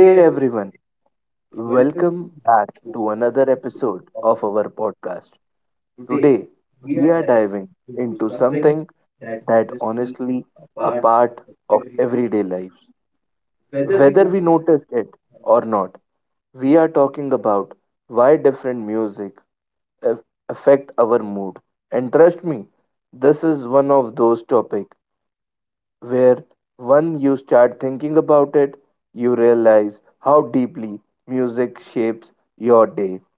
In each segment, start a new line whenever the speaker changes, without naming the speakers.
Hey everyone, welcome back to another episode of our podcast. Today, we are diving into something that honestly a part of everyday life. Whether we notice it or not, we are talking about why different music aff- affect our mood. And trust me, this is one of those topics where when you start thinking about it, you realize how deeply music shapes your day.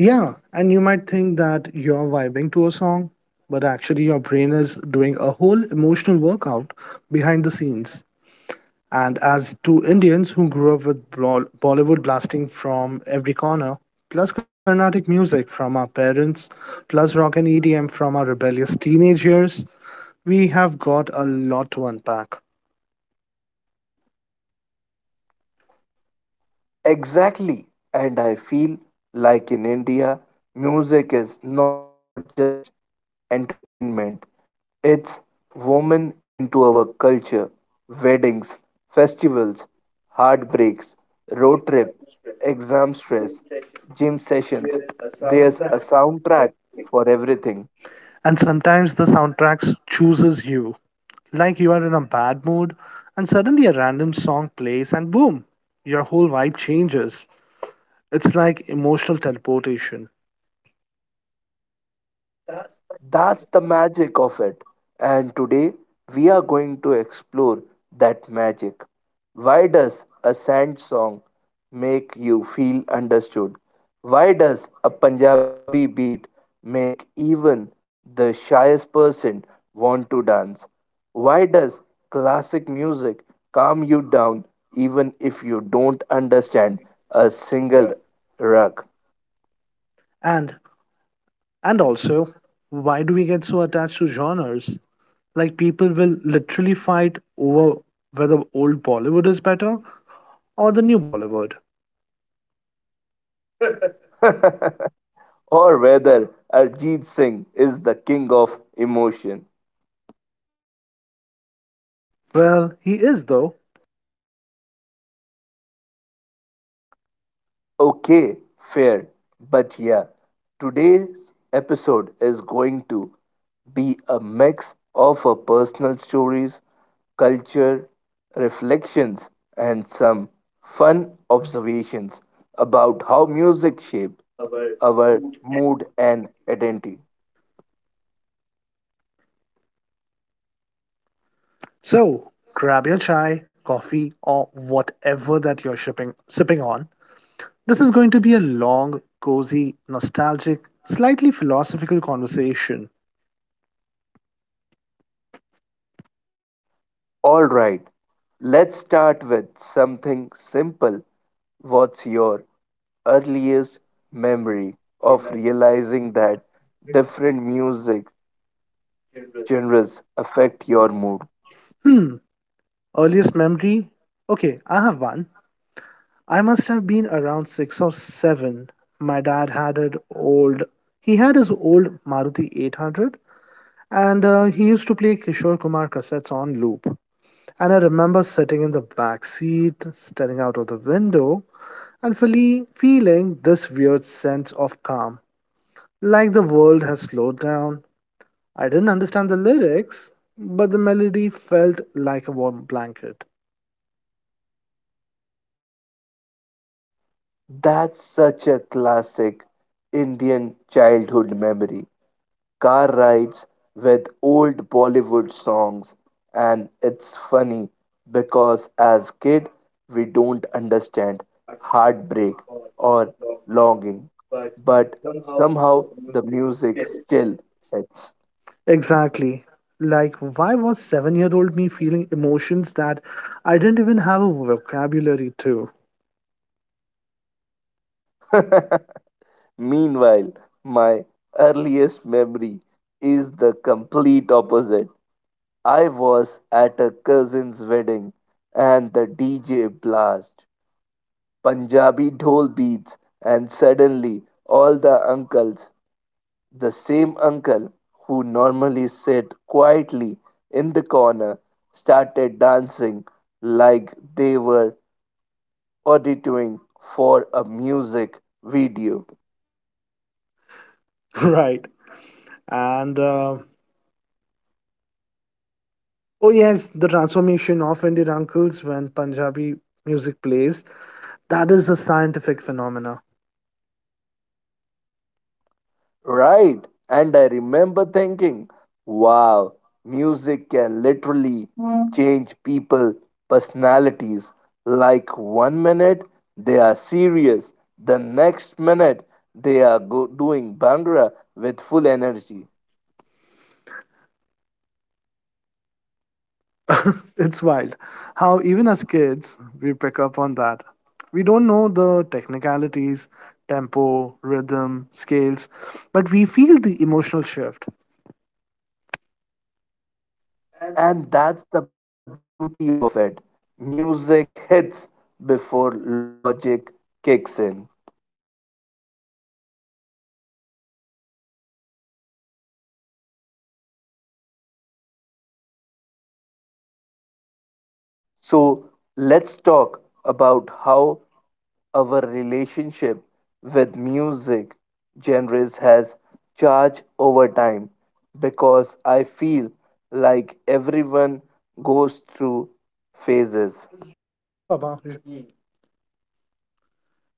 Yeah, and you might think that you're vibing to a song, but actually your brain is doing a whole emotional workout behind the scenes. And as two Indians who grew up with Bollywood blasting from every corner, plus Carnatic music from our parents, plus rock and edm from our rebellious teenage years, we have got a lot to unpack.
Exactly. And I feel like in India, music is not just entertainment, it's woven into our culture. Weddings, festivals, heartbreaks, road trip, exam stress, gym sessions. There's a soundtrack for everything.
And sometimes the soundtracks chooses you. Like you are in a bad mood, and suddenly a random song plays, and boom, your whole vibe changes. It's like emotional teleportation.
That's the magic of it. And today we are going to explore that magic. Why does a sand song make you feel understood? Why does a Punjabi beat make even the shyest person want to dance? Why does classic music calm you down even if you don't understand a single rug?
And and also, why do we get so attached to genres? Like people will literally fight over whether old Bollywood is better or the new Bollywood.
Or whether Arjit Singh is the king of emotion.
Well, he is though.
Okay, fair. But yeah, today's episode is going to be a mix of our personal stories, culture, reflections, and some fun observations about how music shapes our mood and identity.
So grab your chai, coffee, or whatever that you're shipping sipping on. This is going to be a long, cozy, nostalgic, slightly philosophical conversation.
All right, let's start with something simple. What's your earliest memory of realizing that different music genres affect your mood?
Hmm, earliest memory? Okay, I have one. I must have been around six or seven. My dad had an old, He had his old Maruti 800, and he used to play Kishore Kumar cassettes on loop. And I remember sitting in the back seat, staring out of the window, and fully feeling this weird sense of calm, like the world has slowed down. I didn't understand the lyrics, but the melody felt like a warm blanket.
That's such a classic Indian childhood memory. Car rides with old Bollywood songs, and it's funny because as kid we don't understand heartbreak or longing, but somehow the music still hits.
Exactly. Like, why was 7-year old me feeling emotions that I didn't even have a vocabulary to?
Meanwhile, my earliest memory is the complete opposite. I was at a cousin's wedding and the DJ blast Punjabi dhol beats, and suddenly all the uncles, the same uncle who normally sat quietly in the corner, started dancing like they were auditing for a music video.
Right. And, uh, oh, yes, the transformation of Indian uncles when Punjabi music plays. That is a scientific phenomena.
Right. And I remember thinking, wow, music can literally, mm, change people' personalities. Like one minute they are serious, the next minute they are doing Bhangra with full energy.
It's wild how even as kids we pick up on that. We don't know the technicalities, tempo, rhythm, scales, but we feel the emotional shift.
And that's the beauty of it. Music hits before logic kicks in. So let's talk about how our relationship with music genres has changed over time because I feel like everyone goes through phases.
Yeah, Baba.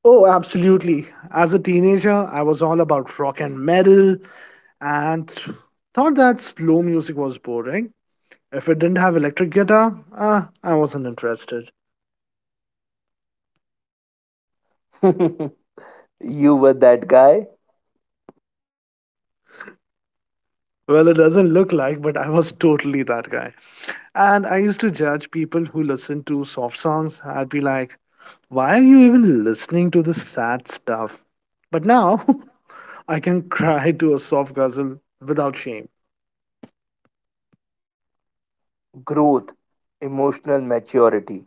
Oh, absolutely. As a teenager, I was all about rock and metal and thought that slow music was boring. If it didn't have electric guitar, I wasn't interested.
You were that guy,
Well, it doesn't look like, but I was totally that guy. And I used to judge people who listen to soft songs. I'd be like, why are you even listening to this sad stuff? But now I can cry to a soft guzzle without shame.
growth, emotional maturity.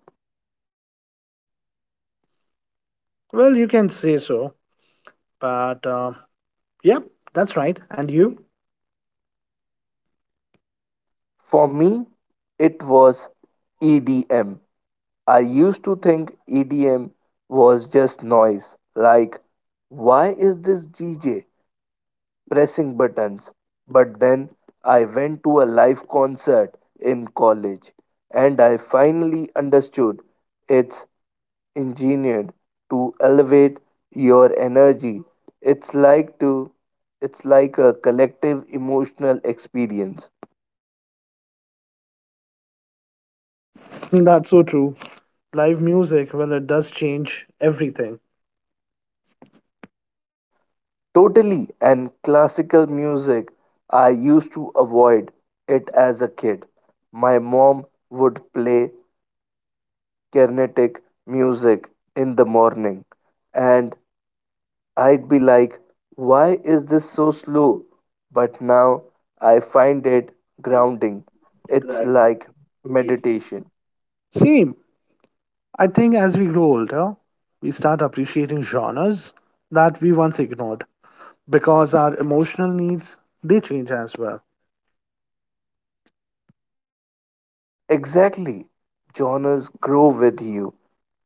Well, you can say so, but yeah, that's right. And you?
For me, it was EDM. I used to think EDM was just noise, like, why is this DJ pressing buttons? But then I went to a live concert in college and I finally understood it's engineered to elevate your energy. It's like to it's like a collective emotional experience.
That's so true. Live music, well, it does change everything.
Totally. And classical music I used to avoid it as a kid. My mom would play Carnatic music in the morning and I'd be like, why is this so slow? But now I find it grounding. It's like meditation.
Same. I think as we grow older, we start appreciating genres that we once ignored because our emotional needs they change as well.
Exactly. Genres grow with you,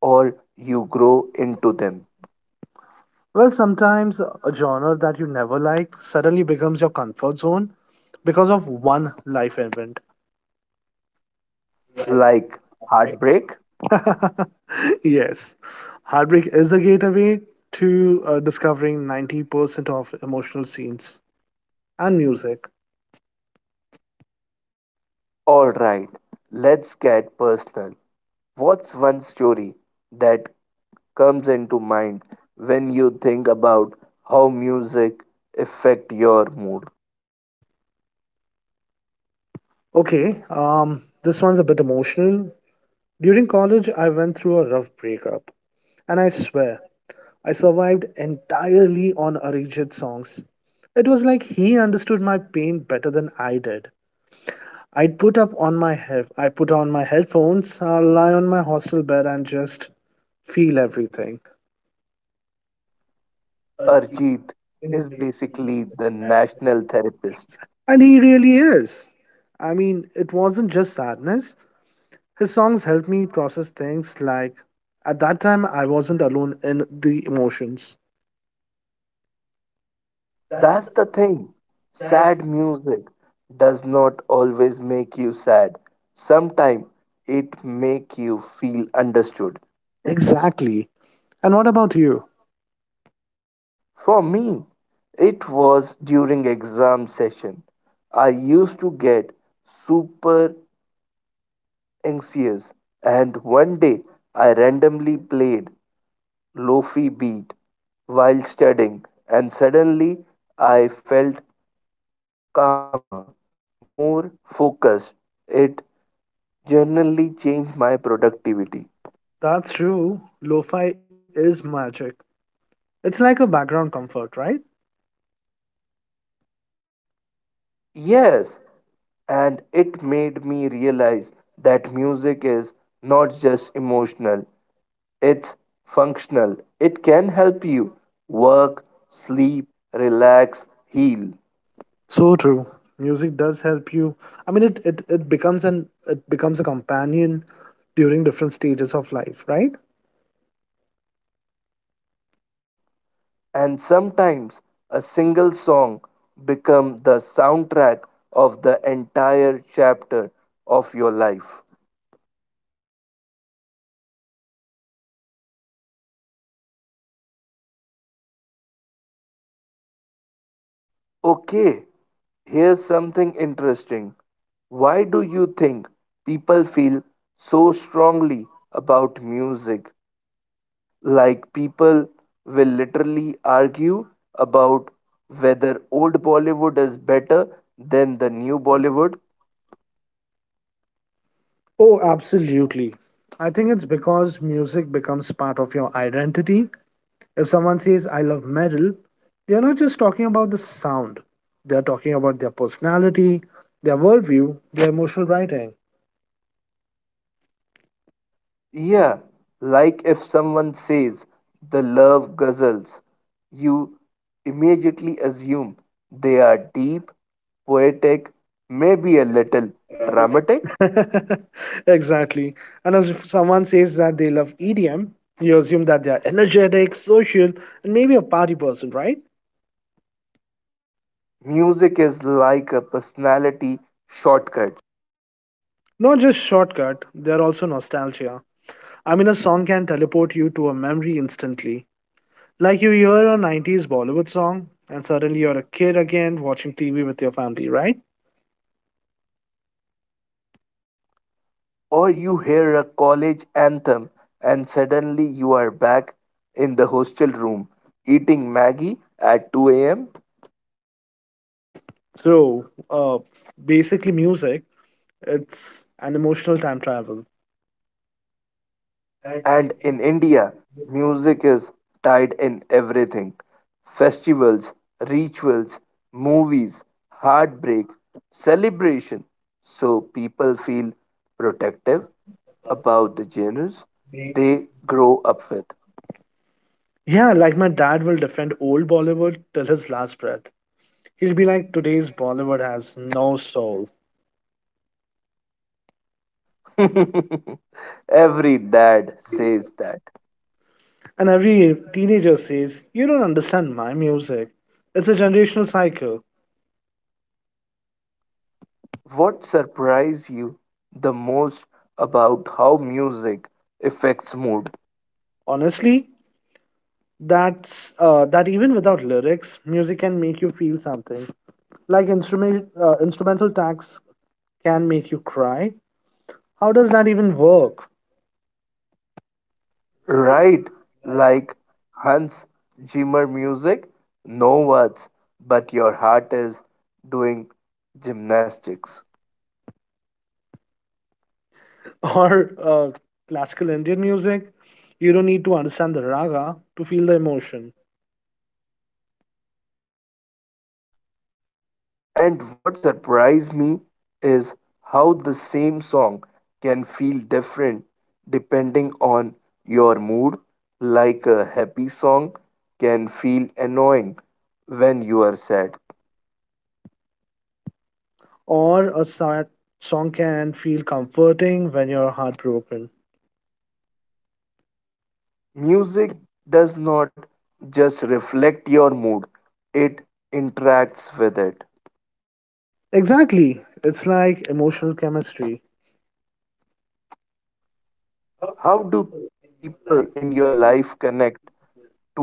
or you grow into them.
Well, sometimes a genre that you never liked suddenly becomes your comfort zone because of one life event.
Like heartbreak?
Yes, heartbreak is the gateway to discovering 90% of emotional scenes and music.
Alright, let's get personal. What's one story that comes into mind when you think about how music affect your mood?
Okay, this one's a bit emotional. During college, I went through a rough breakup, and I swear, I survived entirely on Arijit songs. It was like he understood my pain better than I did. I put on my headphones, I'll lie on my hostel bed and just feel everything.
Arjit is basically the national therapist.
And he really is. I mean, it wasn't just sadness. His songs helped me process things like at that time I wasn't alone in the emotions.
That's the thing. Sad music does not always make you sad. Sometimes it make you feel understood.
Exactly. And what about you?
For me, it was during exam session. I used to get super anxious and one day I randomly played lofi beat while studying and suddenly I felt calmer, more focused. It generally changed my productivity.
That's true. Lo-fi is magic. It's like a background comfort, right?
Yes, and it made me realize that music is not just emotional, it's functional. It can help you work, sleep, relax, heal.
So true. Music does help you. I mean, it becomes a companion during different stages of life, right?
And sometimes a single song becomes the soundtrack of the entire chapter of your life. Okay, here's something interesting. Why do you think people feel so strongly about music? Like people will literally argue about whether old Bollywood is better than the new Bollywood?
Oh, absolutely. I think it's because music becomes part of your identity. If someone says, I love metal, they're not just talking about the sound, they're talking about their personality, their worldview, their emotional writing.
Yeah, like if someone says the love guzzles, you immediately assume they are deep, poetic, maybe a little dramatic.
Exactly. And as if someone says that they love EDM, you assume that they are energetic, social, and maybe a party person, right?
Music is like a personality shortcut,
Not just shortcut, they're also nostalgia. I mean, a song can teleport you to a memory instantly. Like you hear a 90s Bollywood song, and suddenly you're a kid again watching TV with your family, right?
or you hear a college anthem and suddenly you are back in the hostel room eating Maggie at 2 am.
So, uh, basically, music, it's an emotional time travel.
And in India, music is tied in everything festivals, rituals, movies, heartbreak, celebration. So people feel protective about the genres they grow up
Yeah, like my dad will defend old Bollywood till his last breath. He'll be like, today's Bollywood has no soul.
with. Every dad says that.
And every teenager says, you don't understand my music. It's a generational cycle.
What surprised you the most about how music affects mood?
Honestly, that even without lyrics, music can make you feel something. Like instrumental tags can make you cry. How does that even work?
Right? Like Hans Zimmer music? No words, but your heart is doing gymnastics.
Or classical Indian music, you don't need to understand the raga to feel the emotion.
And what surprised me is how the same song can feel different depending on your mood. Like a happy song can feel annoying when you are sad.
Or a sad song can feel comforting when you're heartbroken.
Music does not just reflect your mood, it interacts with it.
Exactly. It's like emotional chemistry.
How do people in your life connect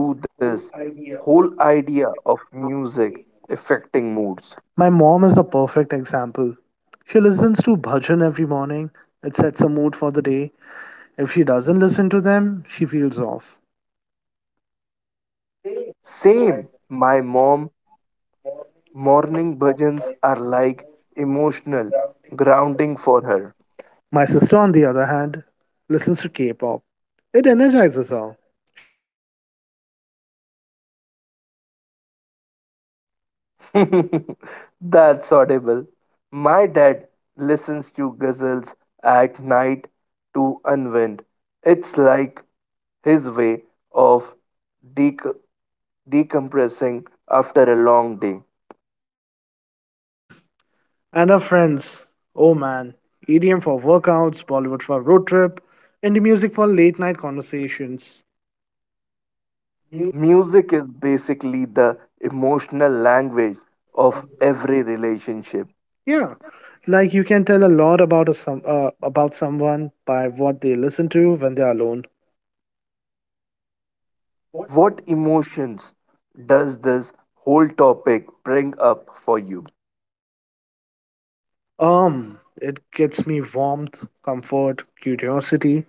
to this whole idea of music affecting moods?
My mom is the perfect example. She listens to bhajan every morning. It sets a mood for the day. If she doesn't listen to them, she feels off.
Same. My mom morning bhajans are like emotional grounding for
My sister, on the other hand, listens to K-pop. It energizes her. She'll be dancing around the house at 8 AM.
her. That's audible. My dad listens to ghazals at night to unwind. It's like his way of dec- decompressing after a long day.
And her friends, oh man, EDM for workouts, Bollywood for road trip, indie music for late night conversations.
Music is basically the emotional language of every relationship.
Yeah, like you can tell a lot about someone by what they listen to when they are alone.
What emotions does this whole topic bring up for you?
It gets me warmth, comfort, curiosity.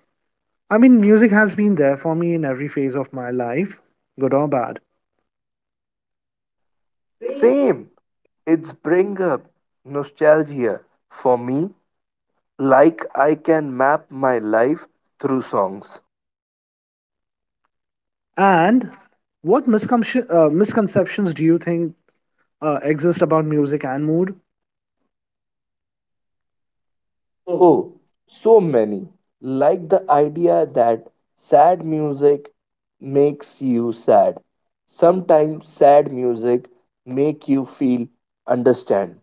I mean, music has been there for me in every phase of my life, good or bad.
Same, it's bring up nostalgia for me, like I can map my life through songs.
And what misconceptions do you think exist about music and mood?
Oh, so many. Like the idea that sad music makes you sad. Sometimes sad music make you feel understand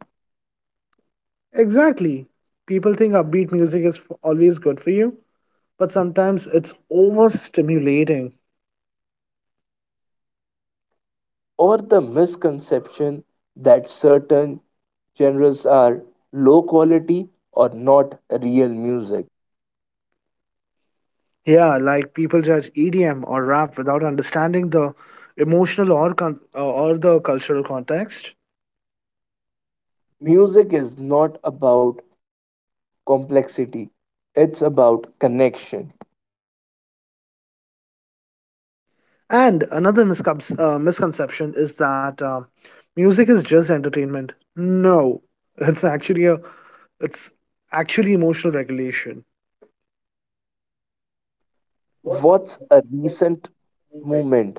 Exactly. People think upbeat music is always good for you, but sometimes it's overstimulating.
or the misconception that certain genres are low quality or not real music.
Yeah, like people judge EDM or rap without understanding the emotional or the cultural context.
Music is not about complexity, it's about connection.
And another misconception is that music is just entertainment. No, it's actually a it's actually emotional regulation.
What's a recent movement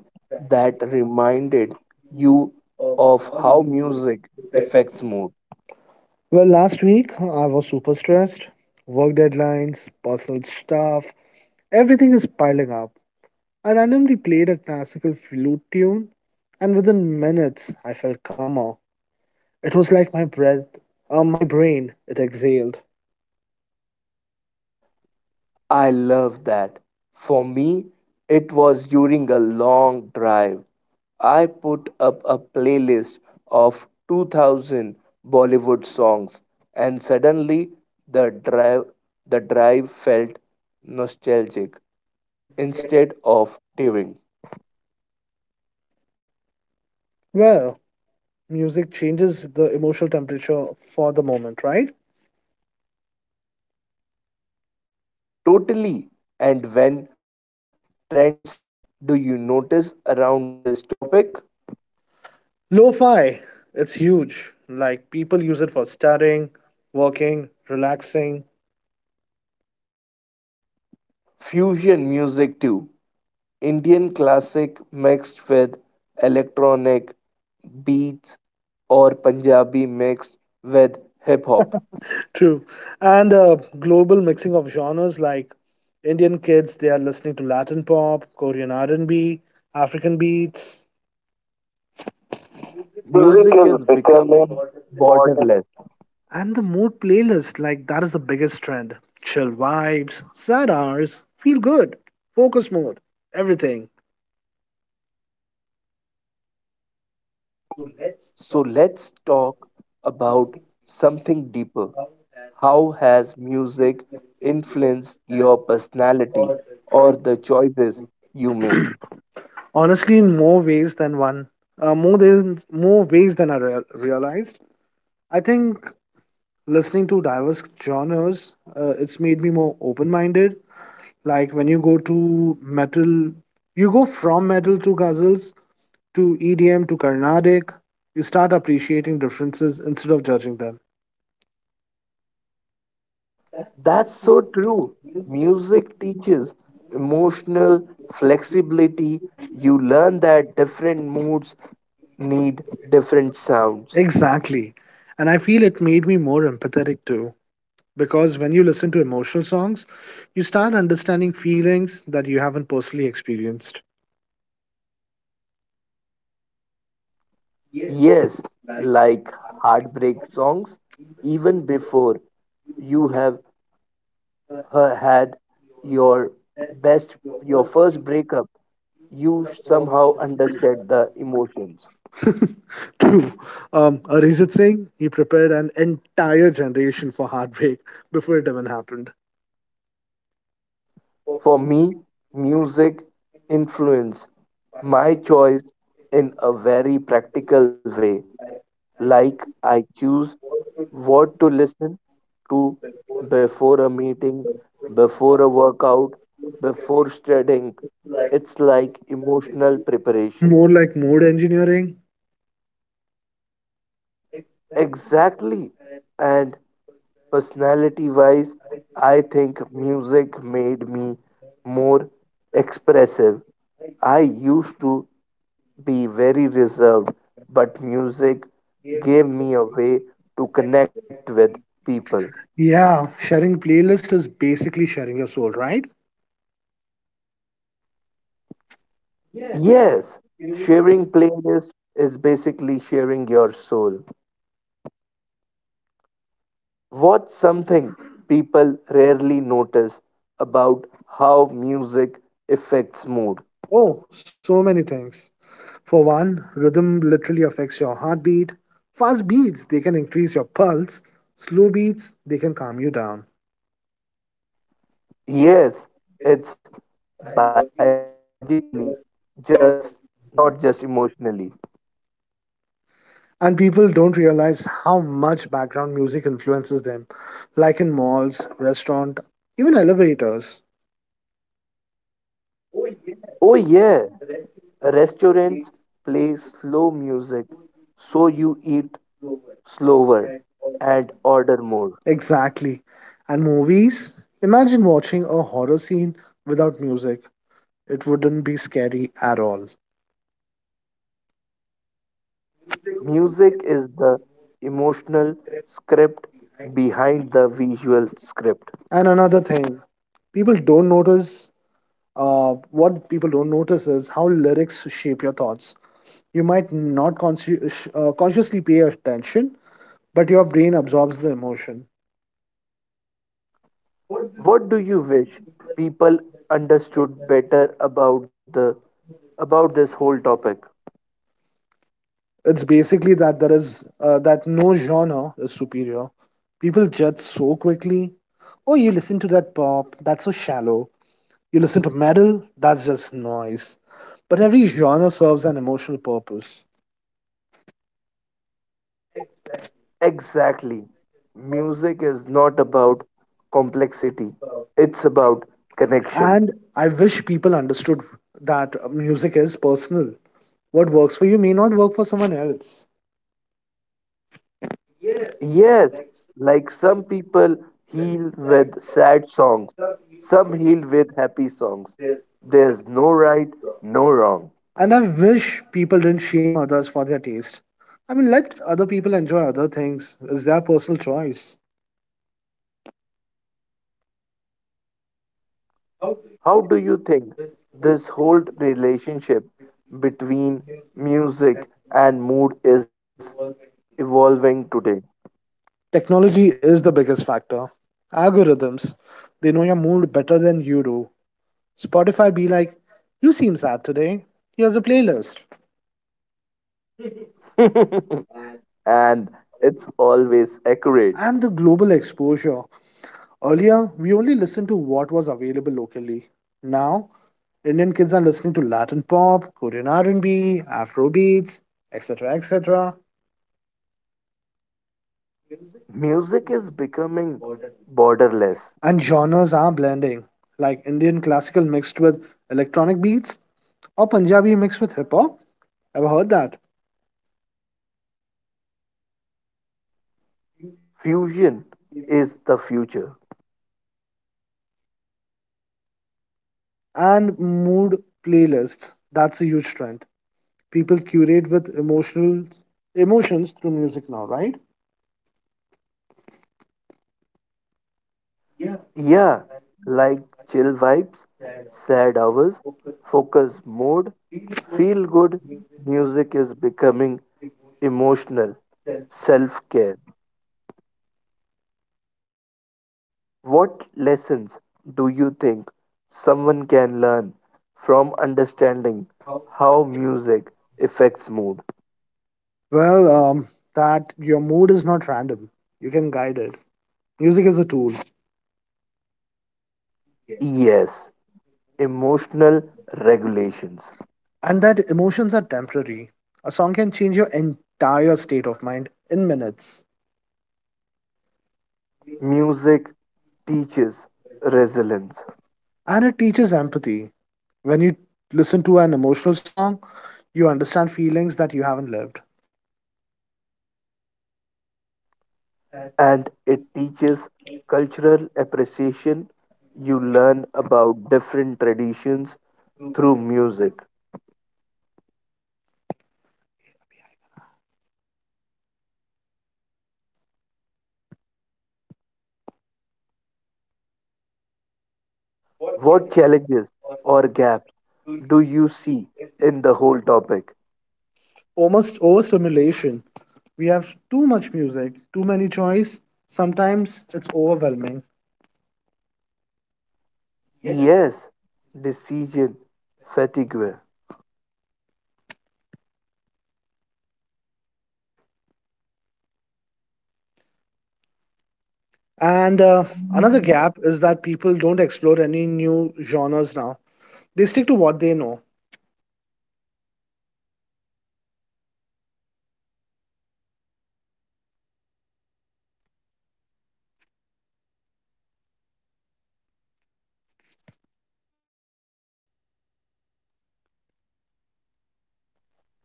that reminded you of how music affects mood?
Well, last week I was super stressed. Work deadlines, personal stuff, everything is piling up. I randomly played a classical flute tune, and within minutes I felt calmer. It was like my brain, it exhaled.
I love that. For me, it was during a long drive. I put up a playlist of 2000 Bollywood songs and suddenly the drive the drive felt nostalgic instead of tiring.
Well, music changes the emotional temperature for the moment, right?
Totally. And when trends do you notice around this topic?
Lo fi, it's huge. Like, people use it for studying, working, relaxing.
Fusion music too. Indian classic mixed with electronic beats or Punjabi mixed with hip hop.
True. And global mixing of genres like Indian kids, they are listening to Latin pop, Korean R&B, African beats. Music is
Music is
becoming.
becoming borderless.
And the mood playlist, like that is the biggest trend. Chill vibes, sad hours, feel good, focus mode, everything.
So let's talk about something deeper. How has music influenced your personality or the choices you make?
Honestly, in more ways than one, more than more ways than I realized. I think listening to diverse genres, it's made me more open-minded. Like, when you go to metal, you go from metal to ghazals to EDM to Carnatic, you start appreciating differences instead of judging them.
That's so true. Music teaches emotional flexibility. You learn that different moods need different sounds.
Exactly. And I feel it made me more empathetic too. Because when you listen to emotional songs, you start understanding feelings that you haven't personally experienced.
Yes, like heartbreak songs, even before you have had your best, your first breakup, you somehow understand the emotions.
True. Arijit Singh, he prepared an entire generation for heartbreak before it even happened.
For me, music influenced my choice in a very practical way, like I choose what to listen to before a meeting, before a workout, before studying. It's like emotional preparation.
More like mood engineering.
Exactly. And personality wise, I think music made me more expressive. I used to be very reserved, but music gave me a way to connect with people.
Yeah, sharing playlist is basically sharing your soul, right?
Yes, sharing playlist is basically sharing your soul. What's something people rarely notice about how music affects mood?
Oh, so many things. For one, rhythm literally affects your heartbeat. Fast beats, they can increase your pulse. Slow beats, they can calm you down.
Yes, it's biologically, just not just emotionally.
And people don't realize how much background music influences them, like in malls, restaurant, even elevators.
Oh yeah, restaurants play slow music so you eat slower, and order more.
Exactly. And movies? Imagine watching a horror scene without music. It wouldn't be scary at all.
Music is the emotional script behind the visual script.
And another thing, people don't notice what people don't notice is how lyrics shape your thoughts. You might not consciously pay attention, but your brain absorbs the emotion.
What do you wish people understood better about the about this whole topic?
It's basically that no genre is superior. People judge so quickly. Oh, you listen to that pop? That's so shallow. You listen to metal? That's just noise. But every genre serves an emotional purpose.
Exactly. Music is not about complexity. It's about connection.
And I wish people understood that music is personal. What works for you may not work for someone else.
Yes, like some people heal with sad songs, some heal with happy songs. There's no right, no wrong.
And I wish people didn't shame others for their taste. I mean, let other people enjoy other things. It's their personal choice.
How do you think this whole relationship between music and mood is evolving today?
Technology is the biggest factor. Algorithms, they know your mood better than you do. Spotify be like, you seem sad today. Here's a playlist.
And it's always accurate.
And the global exposure. Earlier, we only listened to what was available locally. Now, Indian kids are listening to Latin pop, Korean R&B, Afro beats, etc., etc.
Music is becoming borderless.
And genres are blending, like Indian classical mixed with electronic beats or Punjabi mixed with hip hop. Ever heard that?
Fusion is the future.
And mood playlists. That's a huge trend. People curate with emotional emotions through music now, right?
Yeah, like chill vibes, sad hours, focus mode, feel good, music is becoming emotional, self care. What lessons do you think someone can learn from understanding how music affects mood?
Well, that your mood is not random. You can guide it. Music is a tool,
Yes, emotional regulations.
and that emotions are temporary. A song can change your entire state of mind in minutes,
Music teaches resilience.
and it teaches empathy. When you listen to an emotional song, you understand feelings that you haven't lived.
And it teaches cultural appreciation. You learn about different traditions through music. What challenges or gaps do you see in the whole topic?
Almost overstimulation. We have too much music, too many choice. Sometimes it's overwhelming.
Yes, decision fatigue.
And another gap is that people don't explore any new genres now. They stick to what they know.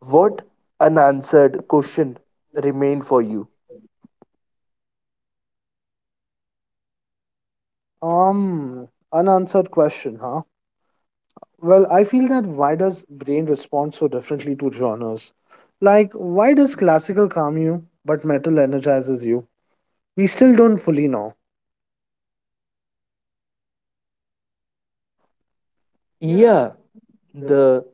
What unanswered question remain for you?
Um, Unanswered question, huh? Well, I feel that why does brain respond so differently to genres? Like, why does classical calm you, but metal energizes you? We still don't fully know.
Yeah, the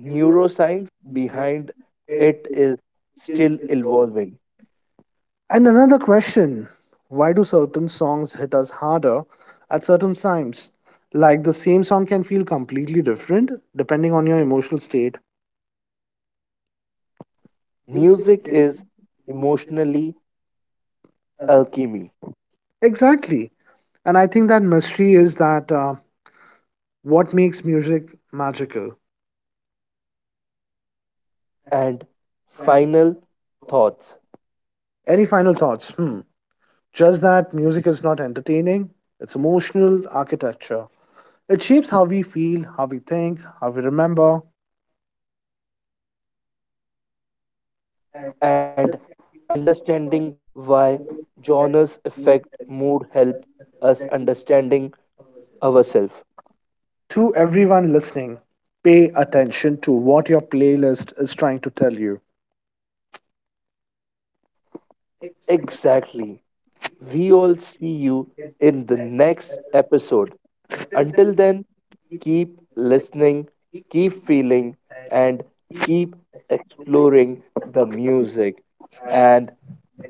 neuroscience behind it is still evolving.
And another question, why do certain songs hit us harder at certain times? Like, the same song can feel completely different depending on your emotional state.
Music is emotionally alchemy.
Exactly. And I think that mystery is that what makes music magical.
And final thoughts
Any final thoughts? Hmm. Just that music is not entertaining, it's emotional architecture. It shapes how we feel, how we think, how we remember.
and understanding why genres affect mood help us understanding ourselves.
To everyone listening, pay attention to what your playlist is trying to tell you.
Exactly. We all see you in the next episode. Until then, keep listening, keep feeling, and keep exploring the music and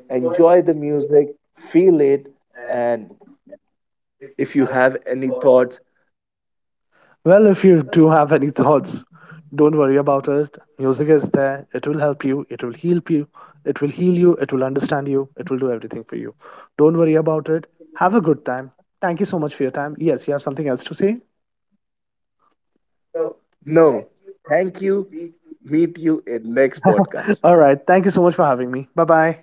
enjoy the music, feel it, and if you have any thoughts
Well, if you do have any thoughts, don't worry about it. Music is there, it will help you, it will heal you, it will understand you, it will do everything for you. Don't worry about it. Have a good time. Thank you so much for your time. Yes, you have something else to say?
No. Thank you. Meet you in next podcast.
All right. Thank you so much for having me. Bye bye.